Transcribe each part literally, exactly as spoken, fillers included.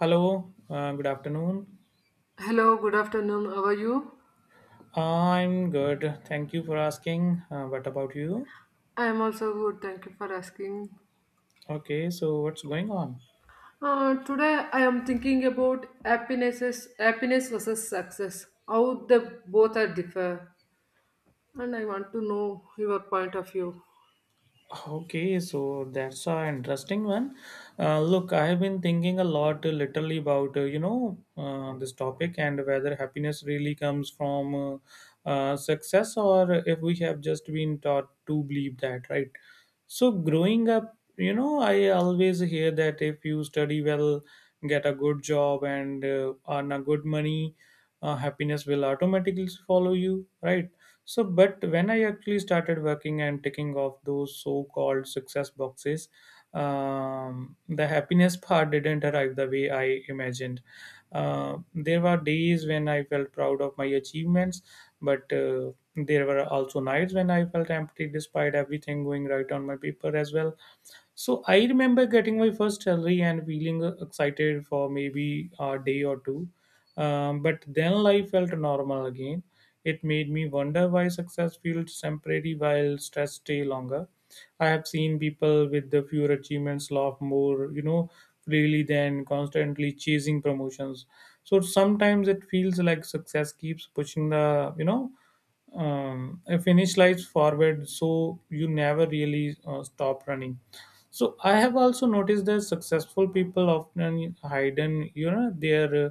Hello, uh, good afternoon. Hello, good afternoon. How are you? I'm good. Thank you for asking. Uh, what about you? I am also good. Thank you for asking. Okay, so what's going on? Uh, today I am thinking about happiness happiness versus success. How the both are differ, and I want to know your point of view. Okay, so that's an interesting one. Uh, look, I have been thinking a lot, uh, literally, about uh, you know uh, this topic and whether happiness really comes from uh, uh, success, or if we have just been taught to believe that, right? So growing up, you know, I always hear that if you study well, get a good job, and uh, earn a good money, uh, happiness will automatically follow you, right? So, but when I actually started working and ticking off those so-called success boxes, um, the happiness part didn't arrive the way I imagined. Uh, there were days when I felt proud of my achievements, but uh, there were also nights when I felt empty despite everything going right on my paper as well. So I remember getting my first salary and feeling uh, excited for maybe a day or two. Um, but then life felt normal again. It made me wonder why success feels temporary while stress stay longer. I have seen people with the fewer achievements laugh more, you know, freely than constantly chasing promotions. So sometimes it feels like success keeps pushing the, you know, um, finish lines forward, so you never really uh, stop running. So I have also noticed that successful people often hide in you know their uh,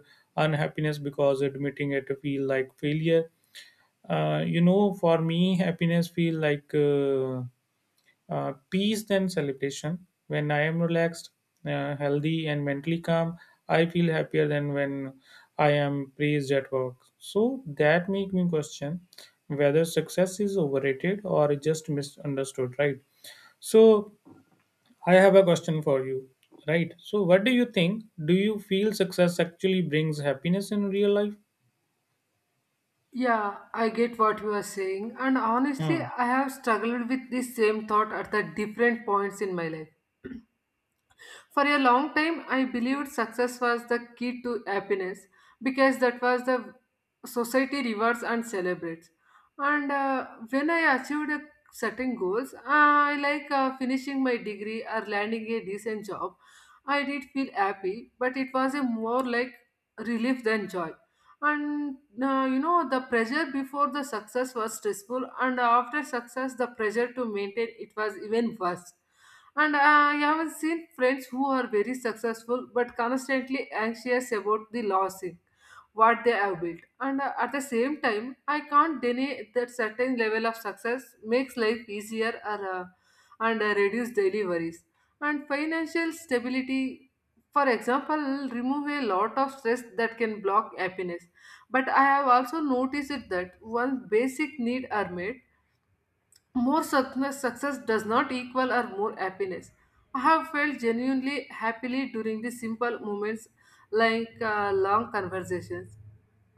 unhappiness because admitting it feel like failure. Uh, you know, for me, happiness feel like uh, uh, peace than celebration. When I am relaxed, uh, healthy, and mentally calm, I feel happier than when I am praised at work. So that make me question whether success is overrated or just misunderstood. Right. So I have a question for you. Right. So, what do you think? Do you feel success actually brings happiness in real life? Yeah, I get what you are saying, and honestly, Hmm. I have struggled with this same thought at the different points in my life. For a long time, I believed success was the key to happiness because that was the society rewards and celebrates. And uh, when I achieved a certain goals, I like uh, finishing my degree or landing a decent job, I did feel happy, but it was a more like relief than joy. And uh, you know, the pressure before the success was stressful, and after success, the pressure to maintain it was even worse and uh, I have seen friends who are very successful but constantly anxious about the losing what they have built. And uh, at the same time, I can't deny that certain level of success makes life easier or, uh, and uh, reduce daily worries. And financial stability, for example, remove a lot of stress that can block happiness. But I have also noticed that once basic needs are met, more success, success does not equal or more happiness. I have felt genuinely happily during the simple moments like uh, long conversations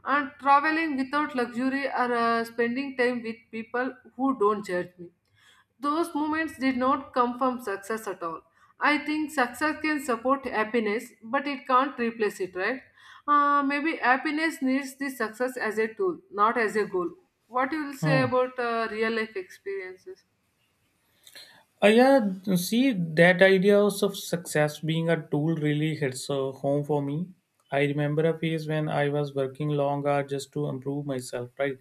and traveling without luxury or uh, spending time with people who don't judge me. Those moments did not come from success at all. I think success can support happiness, but it can't replace it, right? Uh, maybe happiness needs the success as a tool, not as a goal. What you will say Hmm. about uh, real life experiences? Uh, yeah, see, that idea also of success being a tool really hits uh, home for me. I remember a phase when I was working long hours just to improve myself, right?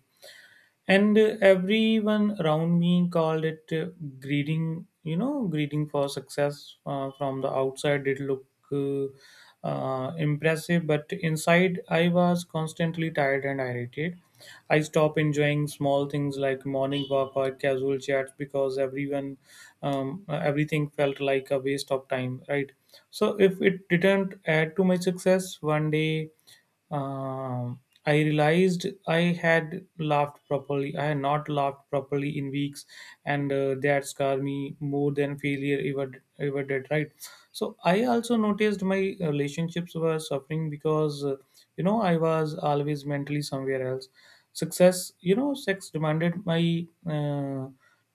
and uh, everyone around me called it uh, greeting, you know greeting for success. Uh, from the outside it looked uh, uh, impressive, but inside I was constantly tired and irritated. I stop enjoying small things like morning walk or casual chats because everyone, um, uh, everything felt like a waste of time, right? So if it didn't add to my success, one day um, I realized I had laughed properly. I had not laughed properly in weeks, and uh, that scarred me more than failure ever ever did. Right. So I also noticed my relationships were suffering because. uh, you know I was always mentally somewhere else. Success, you know sex demanded my uh,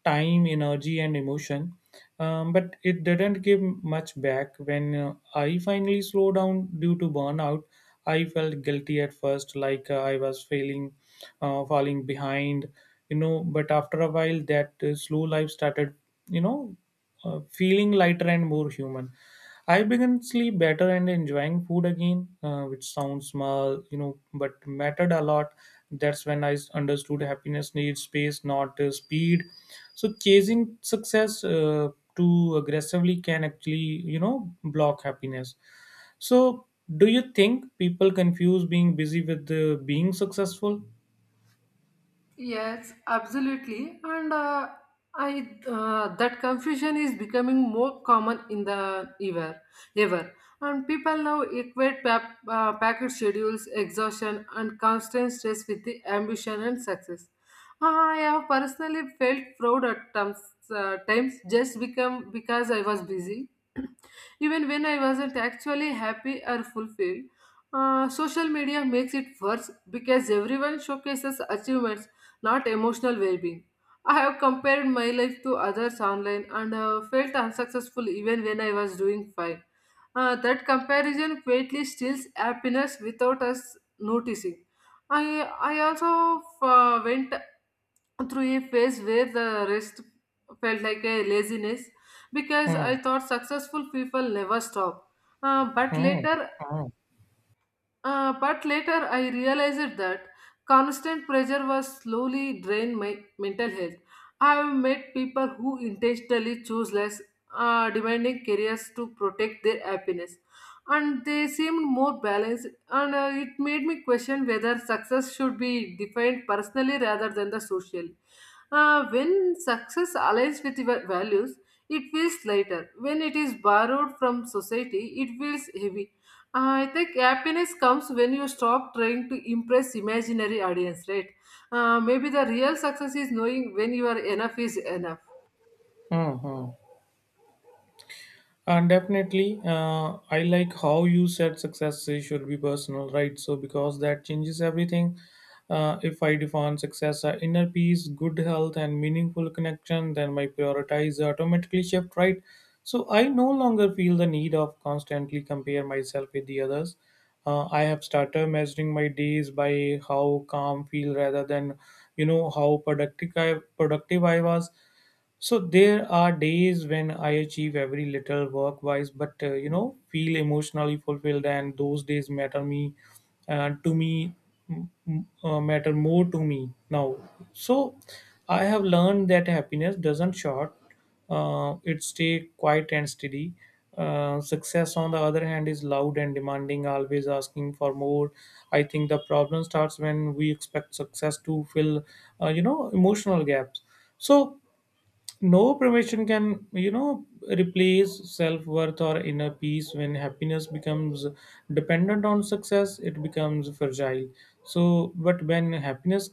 time, energy and emotion, um, but it didn't give much back. When uh, I finally slowed down due to burnout, I felt guilty at first, like uh, I was failing, uh, falling behind, you know but after a while that uh, slow life started you know uh, feeling lighter and more human. I began sleep better and enjoying food again, uh, which sounds small, you know, but mattered a lot. That's when I understood happiness needs space, not uh, speed. So chasing success uh, too aggressively can actually, you know, block happiness. So do you think people confuse being busy with uh, being successful? Yes, absolutely. And uh, I uh, that confusion is becoming more common in the ever ever. And people now equate pap, uh, packet schedules, exhaustion, and constant stress with the ambition and success. I have personally felt proud at times, uh, times just become because I was busy, even when I wasn't actually happy or fulfilled. Uh, social media makes it worse because everyone showcases achievements not emotional well being. I have compared my life to others online and uh, felt unsuccessful even when I was doing fine. Uh, that comparison quietly steals happiness without us noticing. I, I also uh, went through a phase where the rest felt like a laziness because Hmm. I thought successful people never stop. Uh, but Hmm. later Hmm. uh, but later I realized that constant pressure was slowly drained my mental health. I have met people who intentionally choose less uh, demanding careers to protect their happiness, and they seemed more balanced and uh, it made me question whether success should be defined personally rather than the social. Uh, when success aligns with your values, it feels lighter. When it is borrowed from society, it feels heavy. I think happiness comes when you stop trying to impress imaginary audience, right? Uh, maybe the real success is knowing when you are enough is enough. Hmm. Hmm. And definitely, uh, I like how you said success is- should be personal, right? So, because that changes everything. Uh, if I define success as inner peace, good health, and meaningful connection, then my priorities automatically shift, right? So, I no longer feel the need of constantly compare myself with the others. Uh, I have started measuring my days by how calm feel rather than, you know, how productive I, productive I was. So there are days when I achieve every little work wise, but uh, you know, feel emotionally fulfilled, and those days matter me uh, to me m- m- uh, matter more to me now. So I have learned that happiness doesn't short; uh, it stay quiet and steady. Uh, success, on the other hand, is loud and demanding, always asking for more. I think the problem starts when we expect success to fill, uh, you know, emotional gaps. So no permission can, you know, replace self worth or inner peace. When happiness becomes dependent on success, it becomes fragile. So, but when happiness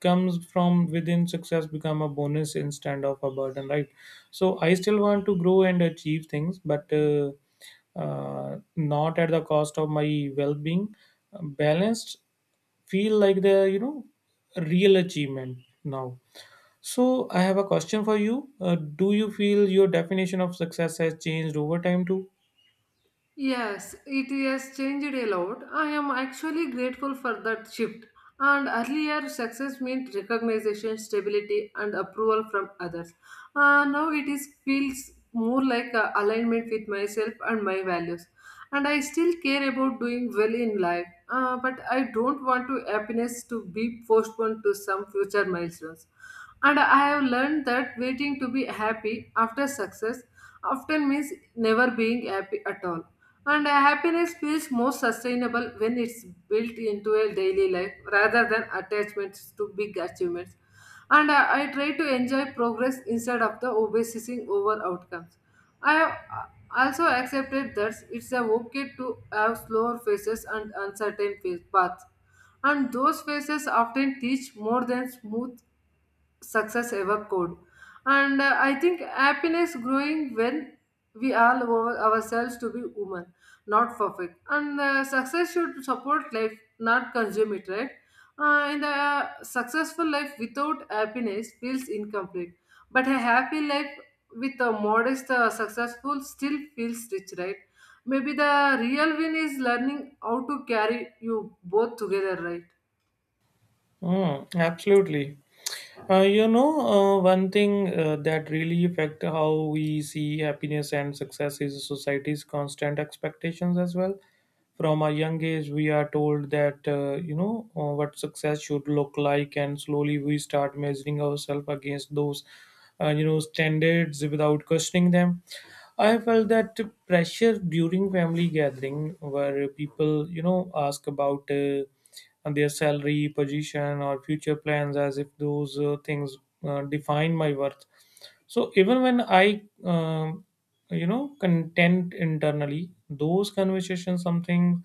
comes from within, success become a bonus instead of a burden, right? So, I still want to grow and achieve things, but uh, uh, not at the cost of my well being. Balanced feel like the, you know, real achievement now. So, I have a question for you. Uh, do you feel your definition of success has changed over time too? Yes, it has changed a lot. I am actually grateful for that shift. And earlier, success meant recognition, stability, and approval from others. Uh, now it is feels more like a alignment with myself and my values. And I still care about doing well in life, uh, but I don't want to happiness to be postponed to some future milestones. And I have learned that waiting to be happy after success often means never being happy at all and uh, happiness feels most sustainable when it's built into a daily life rather than attachments to big achievements. And uh, I try to enjoy progress instead of the obsessing over outcomes. I have uh, also accepted that it's uh, okay to have slower phases and uncertain phase paths. And those phases often teach more than smooth success ever could. And uh, I think happiness growing when we all over ourselves to be women, not perfect. And uh, success should support life, not consume it, right? Uh, and a successful life without happiness feels incomplete. But a happy life with a modest uh, successful still feels rich, right? Maybe the real win is learning how to carry you both together, right? Mm, absolutely. Uh, you know, uh, one thing uh, that really affect how we see happiness and success is society's constant expectations as well. From a young age, we are told that, uh, you know, uh, what success should look like, and slowly we start measuring ourselves against those, uh, you know, standards without questioning them. I felt that pressure during family gathering where people, you know, ask about uh, their salary, position, or future plans, as if those uh, things uh, define my worth. So even when I, um, you know, content internally, those conversations something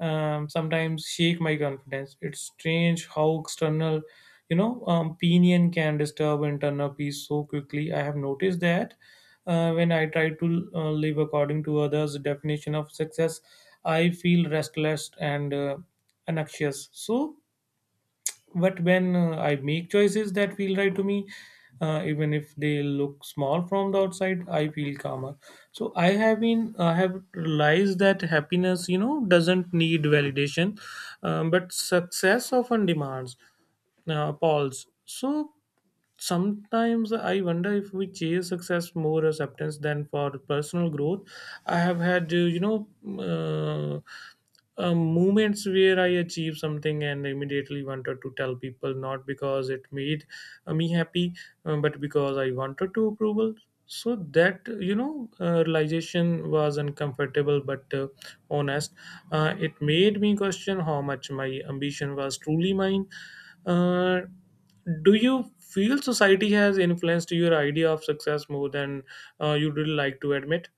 um, sometimes shake my confidence. It's strange how external, you know, um, opinion can disturb internal peace so quickly. I have noticed that uh, when I try to uh, live according to others' definition of success, I feel restless and uh, anxious. So but when uh, I make choices that feel right to me, uh, even if they look small from the outside, I feel calmer. So i have been I have realized that happiness, you know, doesn't need validation, um, but success often demands uh, pause. So sometimes I wonder if we chase success more as acceptance than for personal growth. I have had uh, you know uh, uh, moments where I achieved something and immediately wanted to tell people, not because it made uh, me happy, uh, but because I wanted to approval. So that, you know uh, realization was uncomfortable but uh, honest. Uh, it made me question how much my ambition was truly mine. uh, do you feel society has influenced your idea of success more than uh, you'd really like to admit?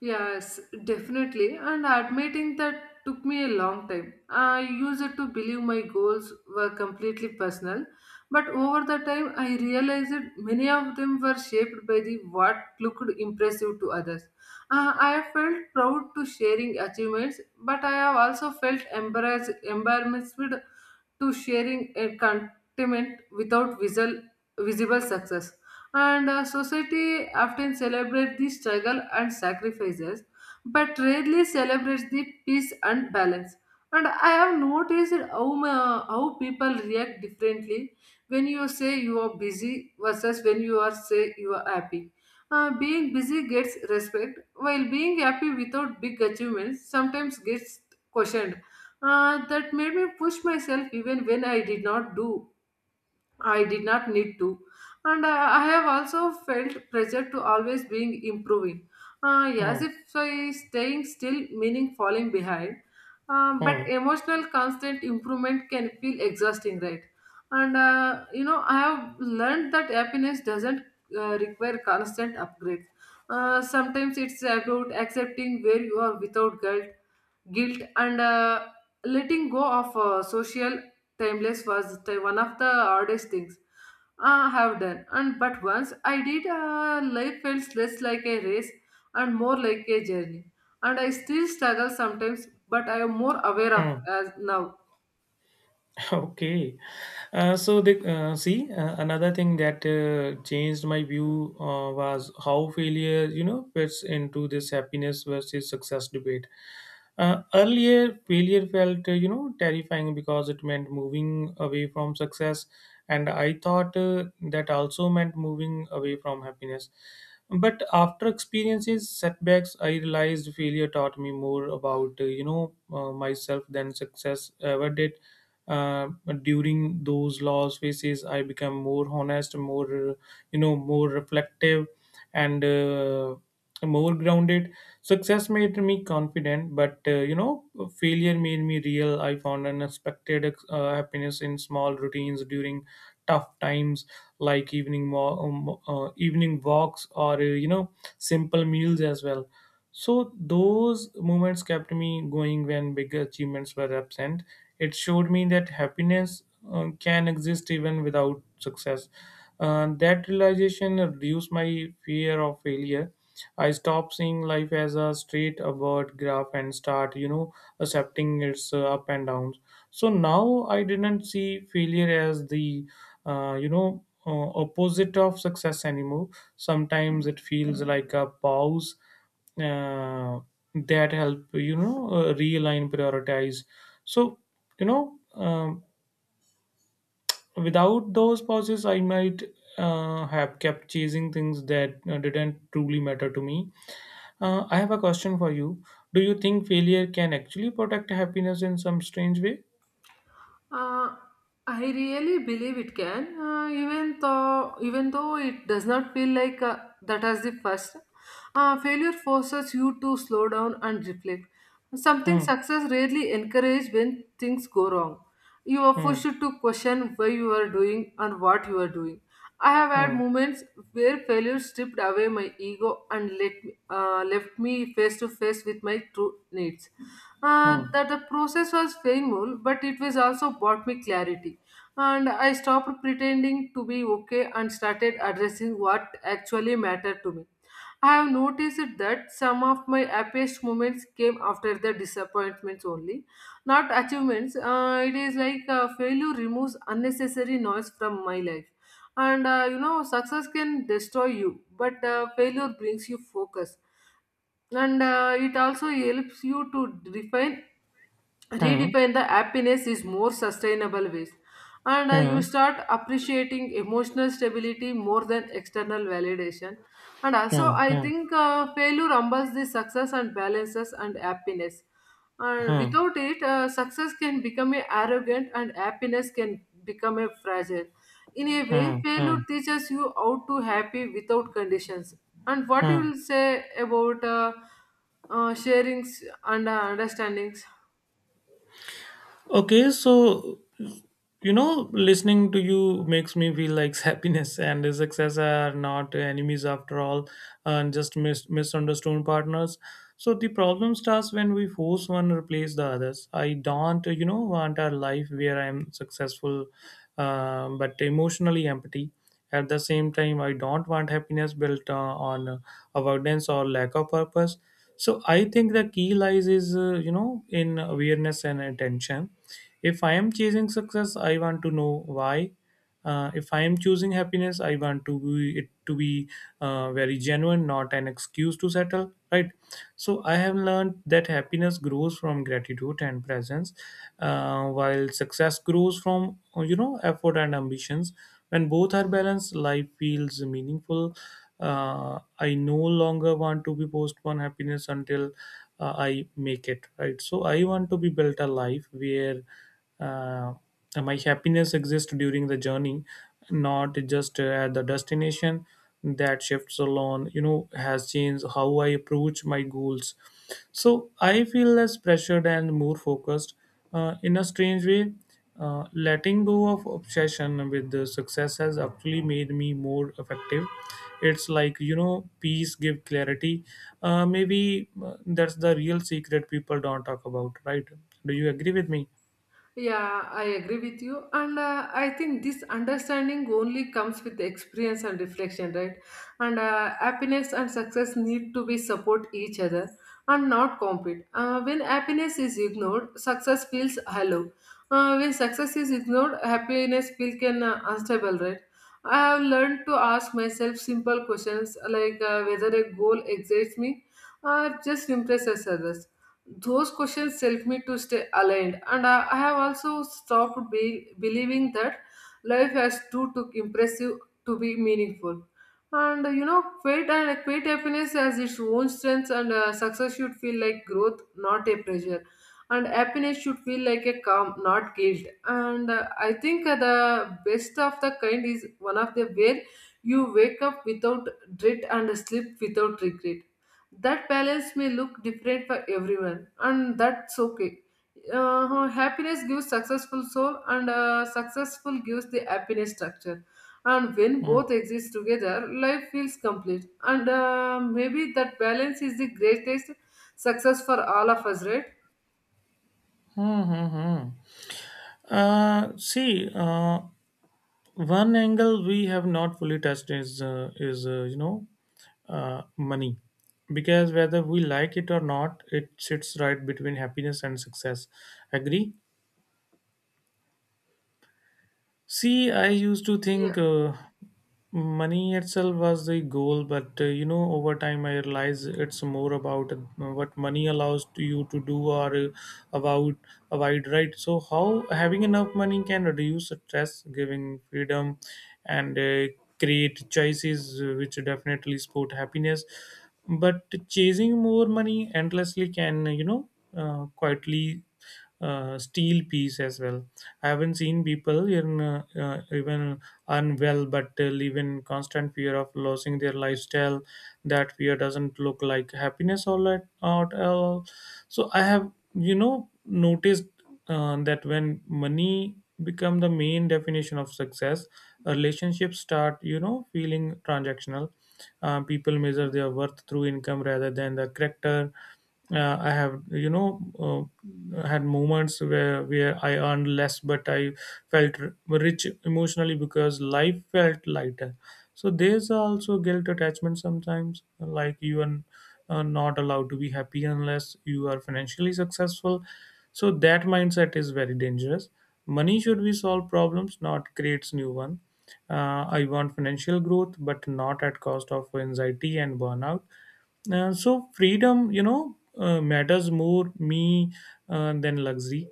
Yes, definitely. And admitting that took me a long time. I used it to believe my goals were completely personal, but over the time I realized that many of them were shaped by the what looked impressive to others. Uh, I have felt proud to sharing achievements, but I have also felt embarrassed, embarrassed to sharing a contentment without visual, visible success and uh, society often celebrates the struggle and sacrifices but rarely celebrates the peace and balance and I have noticed how ma- how people react differently when you say you are busy versus when you are say you are happy. Uh, being busy gets respect while being happy without big achievements sometimes gets questioned. Uh, that made me push myself even when i did not do I did not need to. And I, I have also felt pressure to always being improving. Uh, Hmm, as if I staying still, meaning falling behind. Um, but hmm, emotional constant improvement can feel exhausting, right? And uh, you know, I have learned that happiness doesn't uh, require constant upgrades. Uh, sometimes it's about accepting where you are without guilt, guilt, and uh, letting go of uh, social Timeless was the, one of the hardest things I have done. And but once I did, uh, life felt less like a race and more like a journey. And I still struggle sometimes, but I am more aware of hmm. as now. Okay. Uh, so the uh, see uh, another thing that uh, changed my view uh, was how failure, you know, fits into this happiness versus success debate. Uh, earlier, failure felt uh, you know terrifying because it meant moving away from success, and I thought uh, that also meant moving away from happiness. But after experiences setbacks, I realized failure taught me more about uh, you know uh, myself than success ever did. Uh, During those loss phases, I became more honest, more uh, you know, more reflective, and uh, more grounded. Success made me confident, but uh, you know, failure made me real. I found unexpected uh, happiness in small routines during tough times, like evening wa- um, uh, evening walks or uh, you know, simple meals as well. So those moments kept me going when big achievements were absent. It showed me that happiness uh, can exist even without success. Uh, that realization reduced my fear of failure. I stopped seeing life as a straight upward graph and start, you know, accepting its uh, up and downs. So now I didn't see failure as the, uh, you know, uh, opposite of success anymore. Sometimes it feels like a pause uh, that help you know uh, realign, prioritize. So you know, um, without those pauses, I might uh, have kept chasing things that uh, didn't truly matter to me. uh, I have a question for you. Do you think failure can actually protect happiness in some strange way? Uh, I really believe it can, uh, even though even though it does not feel like uh, that as the first. Uh, failure forces you to slow down and reflect. Something Hmm, success rarely encourages when things go wrong. You are hmm, pushed to question why you are doing and what you are doing. I have had hmm, moments where failure stripped away my ego and let me, uh, left me face to face with my true needs uh, hmm, that the process was painful, but it was also brought me clarity. And I stopped pretending to be okay and started addressing what actually mattered to me. I have noticed that some of my happiest moments came after the disappointments only, not achievements. Uh, it is like uh, failure removes unnecessary noise from my life. And uh, you know, success can destroy you, but uh, failure brings you focus and uh, it also helps you to refine hmm, redefine the happiness is more sustainable ways and uh, you hmm, start appreciating emotional stability more than external validation and also hmm, I hmm, think uh, failure humbles the success and balances and happiness and hmm, without it uh, success can become a arrogant and happiness can become a fragile in a way hmm, failure hmm, teaches you how to happy without conditions and what you hmm. will say about uh, uh, sharings and uh, understandings? Okay, so you know, listening to you makes me feel like happiness and success are not enemies after all, and just mis- misunderstood partners. So the problem starts when we force one to replace the others. I don't, you know, want a life where I'm successful, uh, but emotionally empty. At the same time, I don't want happiness built uh, on uh, avoidance or lack of purpose. So I think the key lies is uh, you know, in awareness and attention. If I am chasing success, I want to know why. Uh, if I am choosing happiness, I want to be, it to be uh, very genuine, not an excuse to settle. Right. So I have learned that happiness grows from gratitude and presence, uh, while success grows from, you know, effort and ambitions. When both are balanced, life feels meaningful. Uh, I no longer want to be postponed happiness until uh, I make it, right? So I want to be built a life where uh, my happiness exists during the journey, not just uh, at the destination. That shifts alone, you know, has changed how I approach my goals. So I feel less pressured and more focused. Uh, in a strange way, uh, letting go of obsession with the success has actually made me more effective. It's like you know, peace give clarity. Uh, maybe uh, that's the real secret people don't talk about, right? Do you agree with me? Yeah, I agree with you. And uh, I think this understanding only comes with experience and reflection, right? And uh, happiness and success need to be support each other and not compete. Uh, when happiness is ignored, success feels hollow. Uh, when success is ignored, happiness feels can uh, unstable, right? I have learned to ask myself simple questions like uh, whether a goal excites me or just impresses others those questions help me to stay aligned and i, I have also stopped be, believing that life has too to impressive to be meaningful and uh, you know fate and fate happiness has its own strengths and uh, success should feel like growth not a pressure and happiness should feel like a calm not guilt and uh, I think uh, the best of the kind is one of the where you wake up without dread and sleep without regret that balance may look different for everyone and that's okay. Uh, happiness gives successful soul and uh, successful gives the happiness structure and when Mm-hmm. both exist together life feels complete and uh, maybe that balance is the greatest success for all of us, right? Hmm, hmm, hmm. Uh, see, uh, one angle we have not fully touched is uh, is uh, you know uh, money, because whether we like it or not, it sits right between happiness and success. Agree? See, I used to think uh, money itself was the goal, but uh, you know, over time I realized it's more about uh, what money allows to you to do or uh, about avoid, right? So, how having enough money can reduce stress, giving freedom, and uh, create choices uh, which definitely support happiness. But chasing more money endlessly can, you know, uh, quietly uh, steal peace as well. I haven't seen people in uh, uh, even unwell, but uh, live in constant fear of losing their lifestyle. That fear doesn't look like happiness all at, out at all. So I have, you know, noticed uh, that when money become the main definition of success, relationships start, you know, feeling transactional, uh, people measure their worth through income rather than the character. Uh, i have you know uh, had moments where where I earned less but I felt r- rich emotionally because life felt lighter. So there's also guilt attachment sometimes, like you are uh, not allowed to be happy unless you are financially successful. So that mindset is very dangerous. Money should be solve problems, not creates new one. Uh, I want financial growth, but not at cost of anxiety and burnout. Uh, so freedom, you know, uh, matters more me uh, than luxury.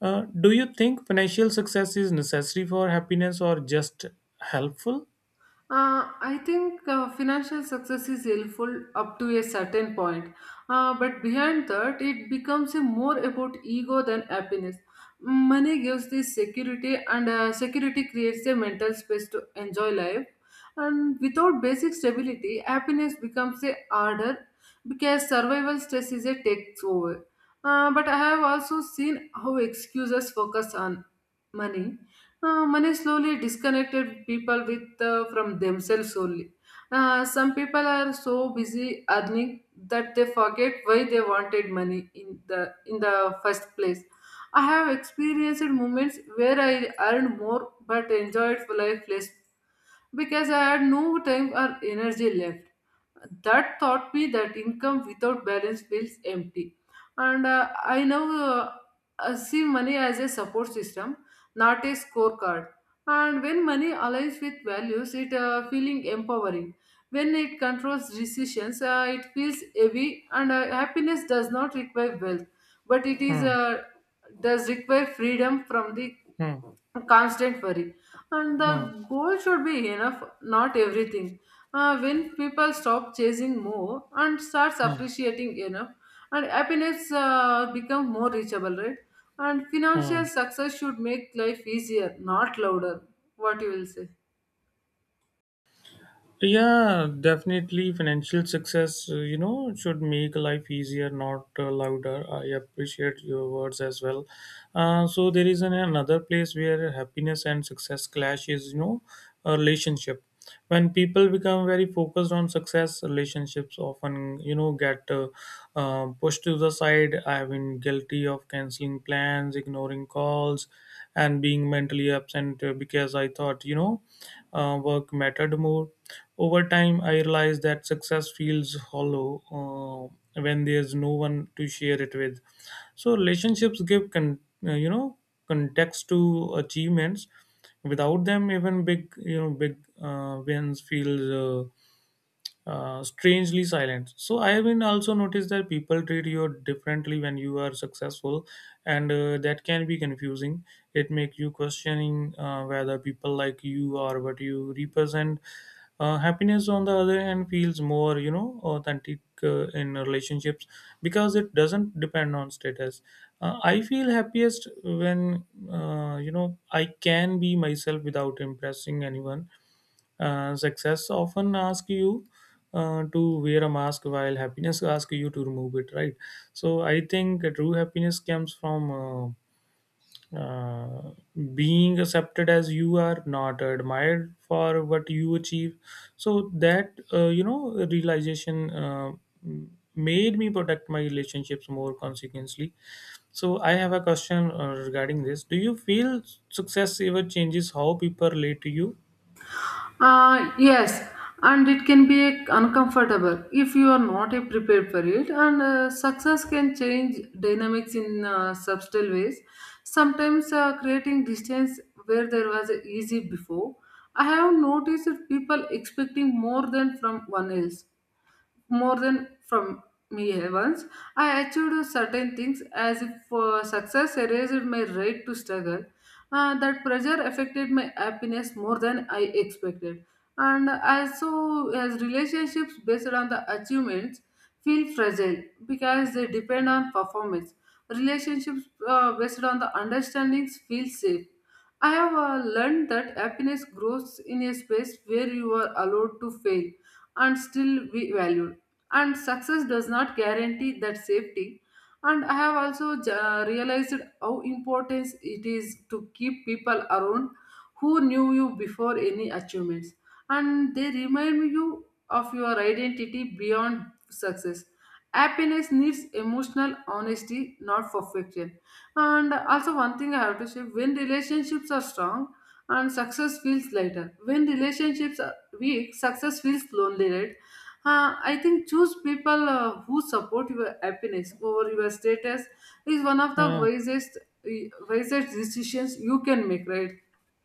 Uh, do you think financial success is necessary for happiness or just helpful? Uh, I think uh, financial success is helpful up to a certain point, uh, but behind that, it becomes a more about ego than happiness. Money gives the security, and uh, security creates a mental space to enjoy life. And without basic stability, happiness becomes a harder because survival stress is a takes over. Uh, but I have also seen how excuses focus on money uh, money slowly disconnected people with uh, from themselves only. Uh, some people are so busy earning that they forget why they wanted money in the in the first place. I have experienced moments where I earned more but enjoyed life less because I had no time or energy left. That taught me that income without balance feels empty. And uh, I now uh, uh, see money as a support system not a scorecard. And when money aligns with values, it uh, feeling empowering. When it controls decisions, uh, it feels heavy, and uh, happiness does not require wealth, but it is Hmm. uh, does require freedom from the Hmm. constant worry. And Hmm. the goal should be enough, not everything. Uh, when people stop chasing more and starts Hmm. appreciating enough, and happiness uh, become more reachable, right? And Hmm. financial success should make life easier, not louder. What you will say? Yeah, definitely. Financial success, uh, you know, should make life easier, not uh, louder. I appreciate your words as well. Uh, so there is an, another place where happiness and success clash is, you know, a relationship. When people become very focused on success, relationships often, you know, get uh, uh, pushed to the side. I've been guilty of canceling plans, ignoring calls, and being mentally absent uh, because I thought, you know, uh, work mattered more. Over time, I realized that success feels hollow uh, when there's no one to share it with. So relationships give con- uh, you know context to achievements. Without them, even big you know big uh, wins feel uh, strangely silent. So I have been also noticed that people treat you differently when you are successful, and uh, that can be confusing. It makes you questioning uh, whether people like you or what you represent. Uh, happiness on the other hand feels more you know authentic uh, in relationships because it doesn't depend on status. Uh, i feel happiest when uh, you know I can be myself without impressing anyone. Uh, success often ask you uh, to wear a mask while happiness asks you to remove it, right? So I think true happiness comes from uh, uh, being accepted as you are, not admired for what you achieve. So that uh, you know realization uh, made me protect my relationships more consequently. So I have a question uh, regarding this, do you feel success ever changes how people relate to you? Uh, yes, and it can be a- uncomfortable if you are not a prepared for it. And uh, success can change dynamics in uh, subtle ways, sometimes uh, creating distance where there was easy before. I have noticed that people expecting more than from one else, more than from me once. I achieved certain things as if uh, success erased my right to struggle. Uh, that pressure affected my happiness more than I expected. And also, as relationships based on the achievements feel fragile because they depend on performance. Relationships uh, based on the understandings feel safe. I have uh, learned that happiness grows in a space where you are allowed to fail and still be valued and success does not guarantee that safety and I have also uh, realized how important it is to keep people around who knew you before any achievements and they remind you of your identity beyond success. Happiness needs emotional honesty not perfection and also one thing I have to say when relationships are strong and success feels lighter when relationships weak, success feels lonely, right? Uh, I think choose people uh, who support your happiness over your status is one of the Hmm. wisest, wisest decisions you can make, right?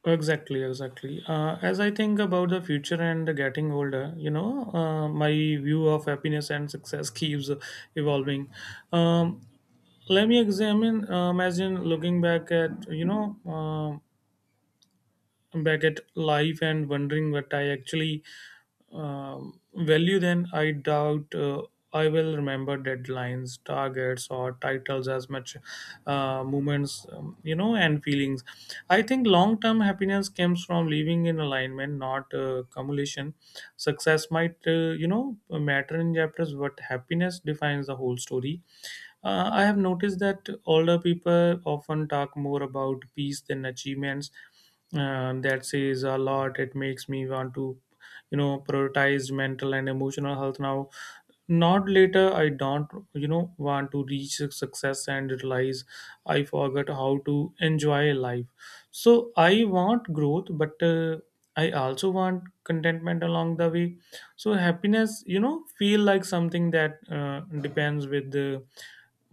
Exactly, exactly. Uh, as I think about the future and getting older, you know, uh, my view of happiness and success keeps evolving. Um, Let me examine, uh, imagine looking back at, you know, um back at life and wondering what I actually um, value, then I doubt uh, I will remember deadlines, targets, or titles as much uh, moments, um, you know, and feelings. I think long term happiness comes from living in alignment, not uh, accumulation. Success might, uh, you know, matter in chapters, but happiness defines the whole story. Uh, I have noticed that older people often talk more about peace than achievements. Uh, that says a lot. It makes me want to, you know, prioritize mental and emotional health now. Not later. I don't, you know, want to reach success and realize I forgot how to enjoy life. So I want growth, but uh, I also want contentment along the way. So happiness, you know, feel like something that uh, depends with the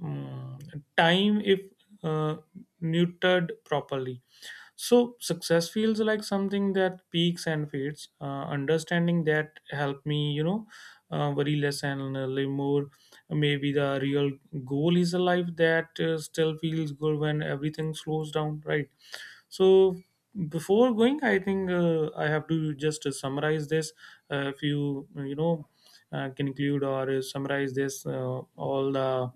mm, time if uh, neutered properly. So success feels like something that peaks and fades. Uh, understanding that helped me, you know, uh, worry less and uh, live more. Maybe the real goal is a life that uh, still feels good when everything slows down, right? So before going, I think uh, I have to just uh, summarize this. Uh, if you you know uh, can include or uh, summarize this uh, all the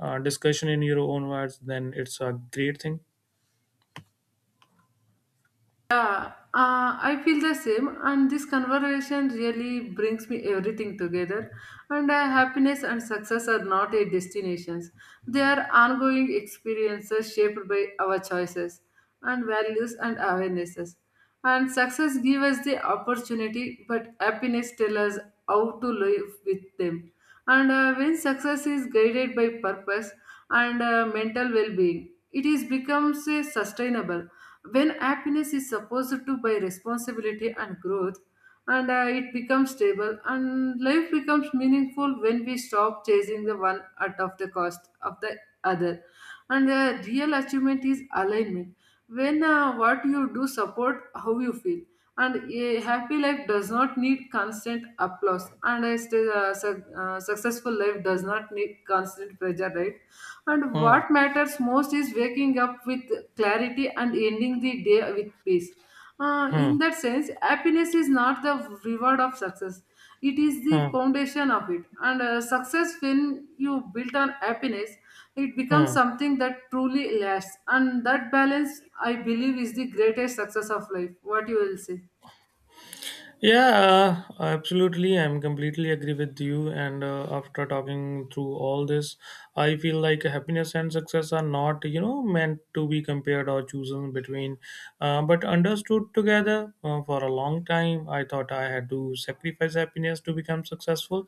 uh, discussion in your own words, then it's a great thing. Yeah, uh, I feel the same, and this conversation really brings me everything together. And uh, happiness and success are not a destinations; they are ongoing experiences shaped by our choices and values and awarenesses. And success gives us the opportunity, but happiness tells us how to live with them. And uh, when success is guided by purpose and uh, mental well-being, it is becomes a sustainable when happiness is supposed to by responsibility and growth and uh, it becomes stable and life becomes meaningful when we stop chasing the one at of the cost of the other and the real achievement is alignment when uh, what you do support how you feel and a happy life does not need constant applause and a st- uh, su- uh, successful life does not need constant pressure right and Hmm. what matters most is waking up with clarity and ending the day with peace. Uh, Hmm. in that sense, happiness is not the reward of success, it is the Hmm. foundation of it. And uh, success, when you build on happiness, it becomes Hmm. something that truly lasts. And that balance, I believe, is the greatest success of life. What you will say? Yeah, uh, absolutely. I'm completely agree with you. And uh, after talking through all this, I feel like happiness and success are not, you know, meant to be compared or chosen between, uh, but understood together. Uh, for a long time, I thought I had to sacrifice happiness to become successful,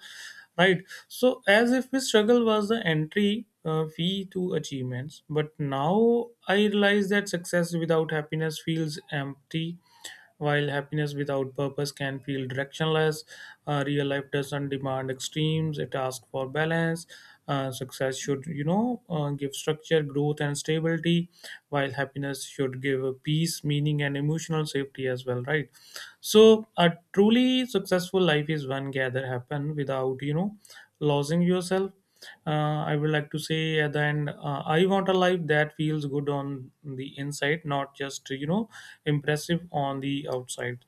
right? So, as if the struggle was the entry uh, fee to achievements, but now I realize that success without happiness feels empty while happiness without purpose can feel directionless. Uh, real life doesn't demand extremes. It asks for balance. Uh, success should, you know, uh, give structure, growth, and stability, while happiness should give peace, meaning, and emotional safety as well, right? So a truly successful life is one gather happen without you know losing yourself. Uh, i would like to say at the end, uh, I want a life that feels good on the inside, not just you know impressive on the outside.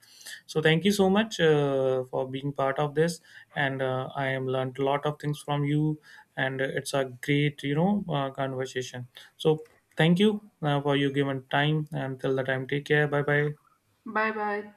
So thank you so much uh, for being part of this, and uh, I am learned a lot of things from you, and uh, it's a great you know uh, conversation. So thank you uh, for your given time until the time. Take care. Bye bye. Bye bye.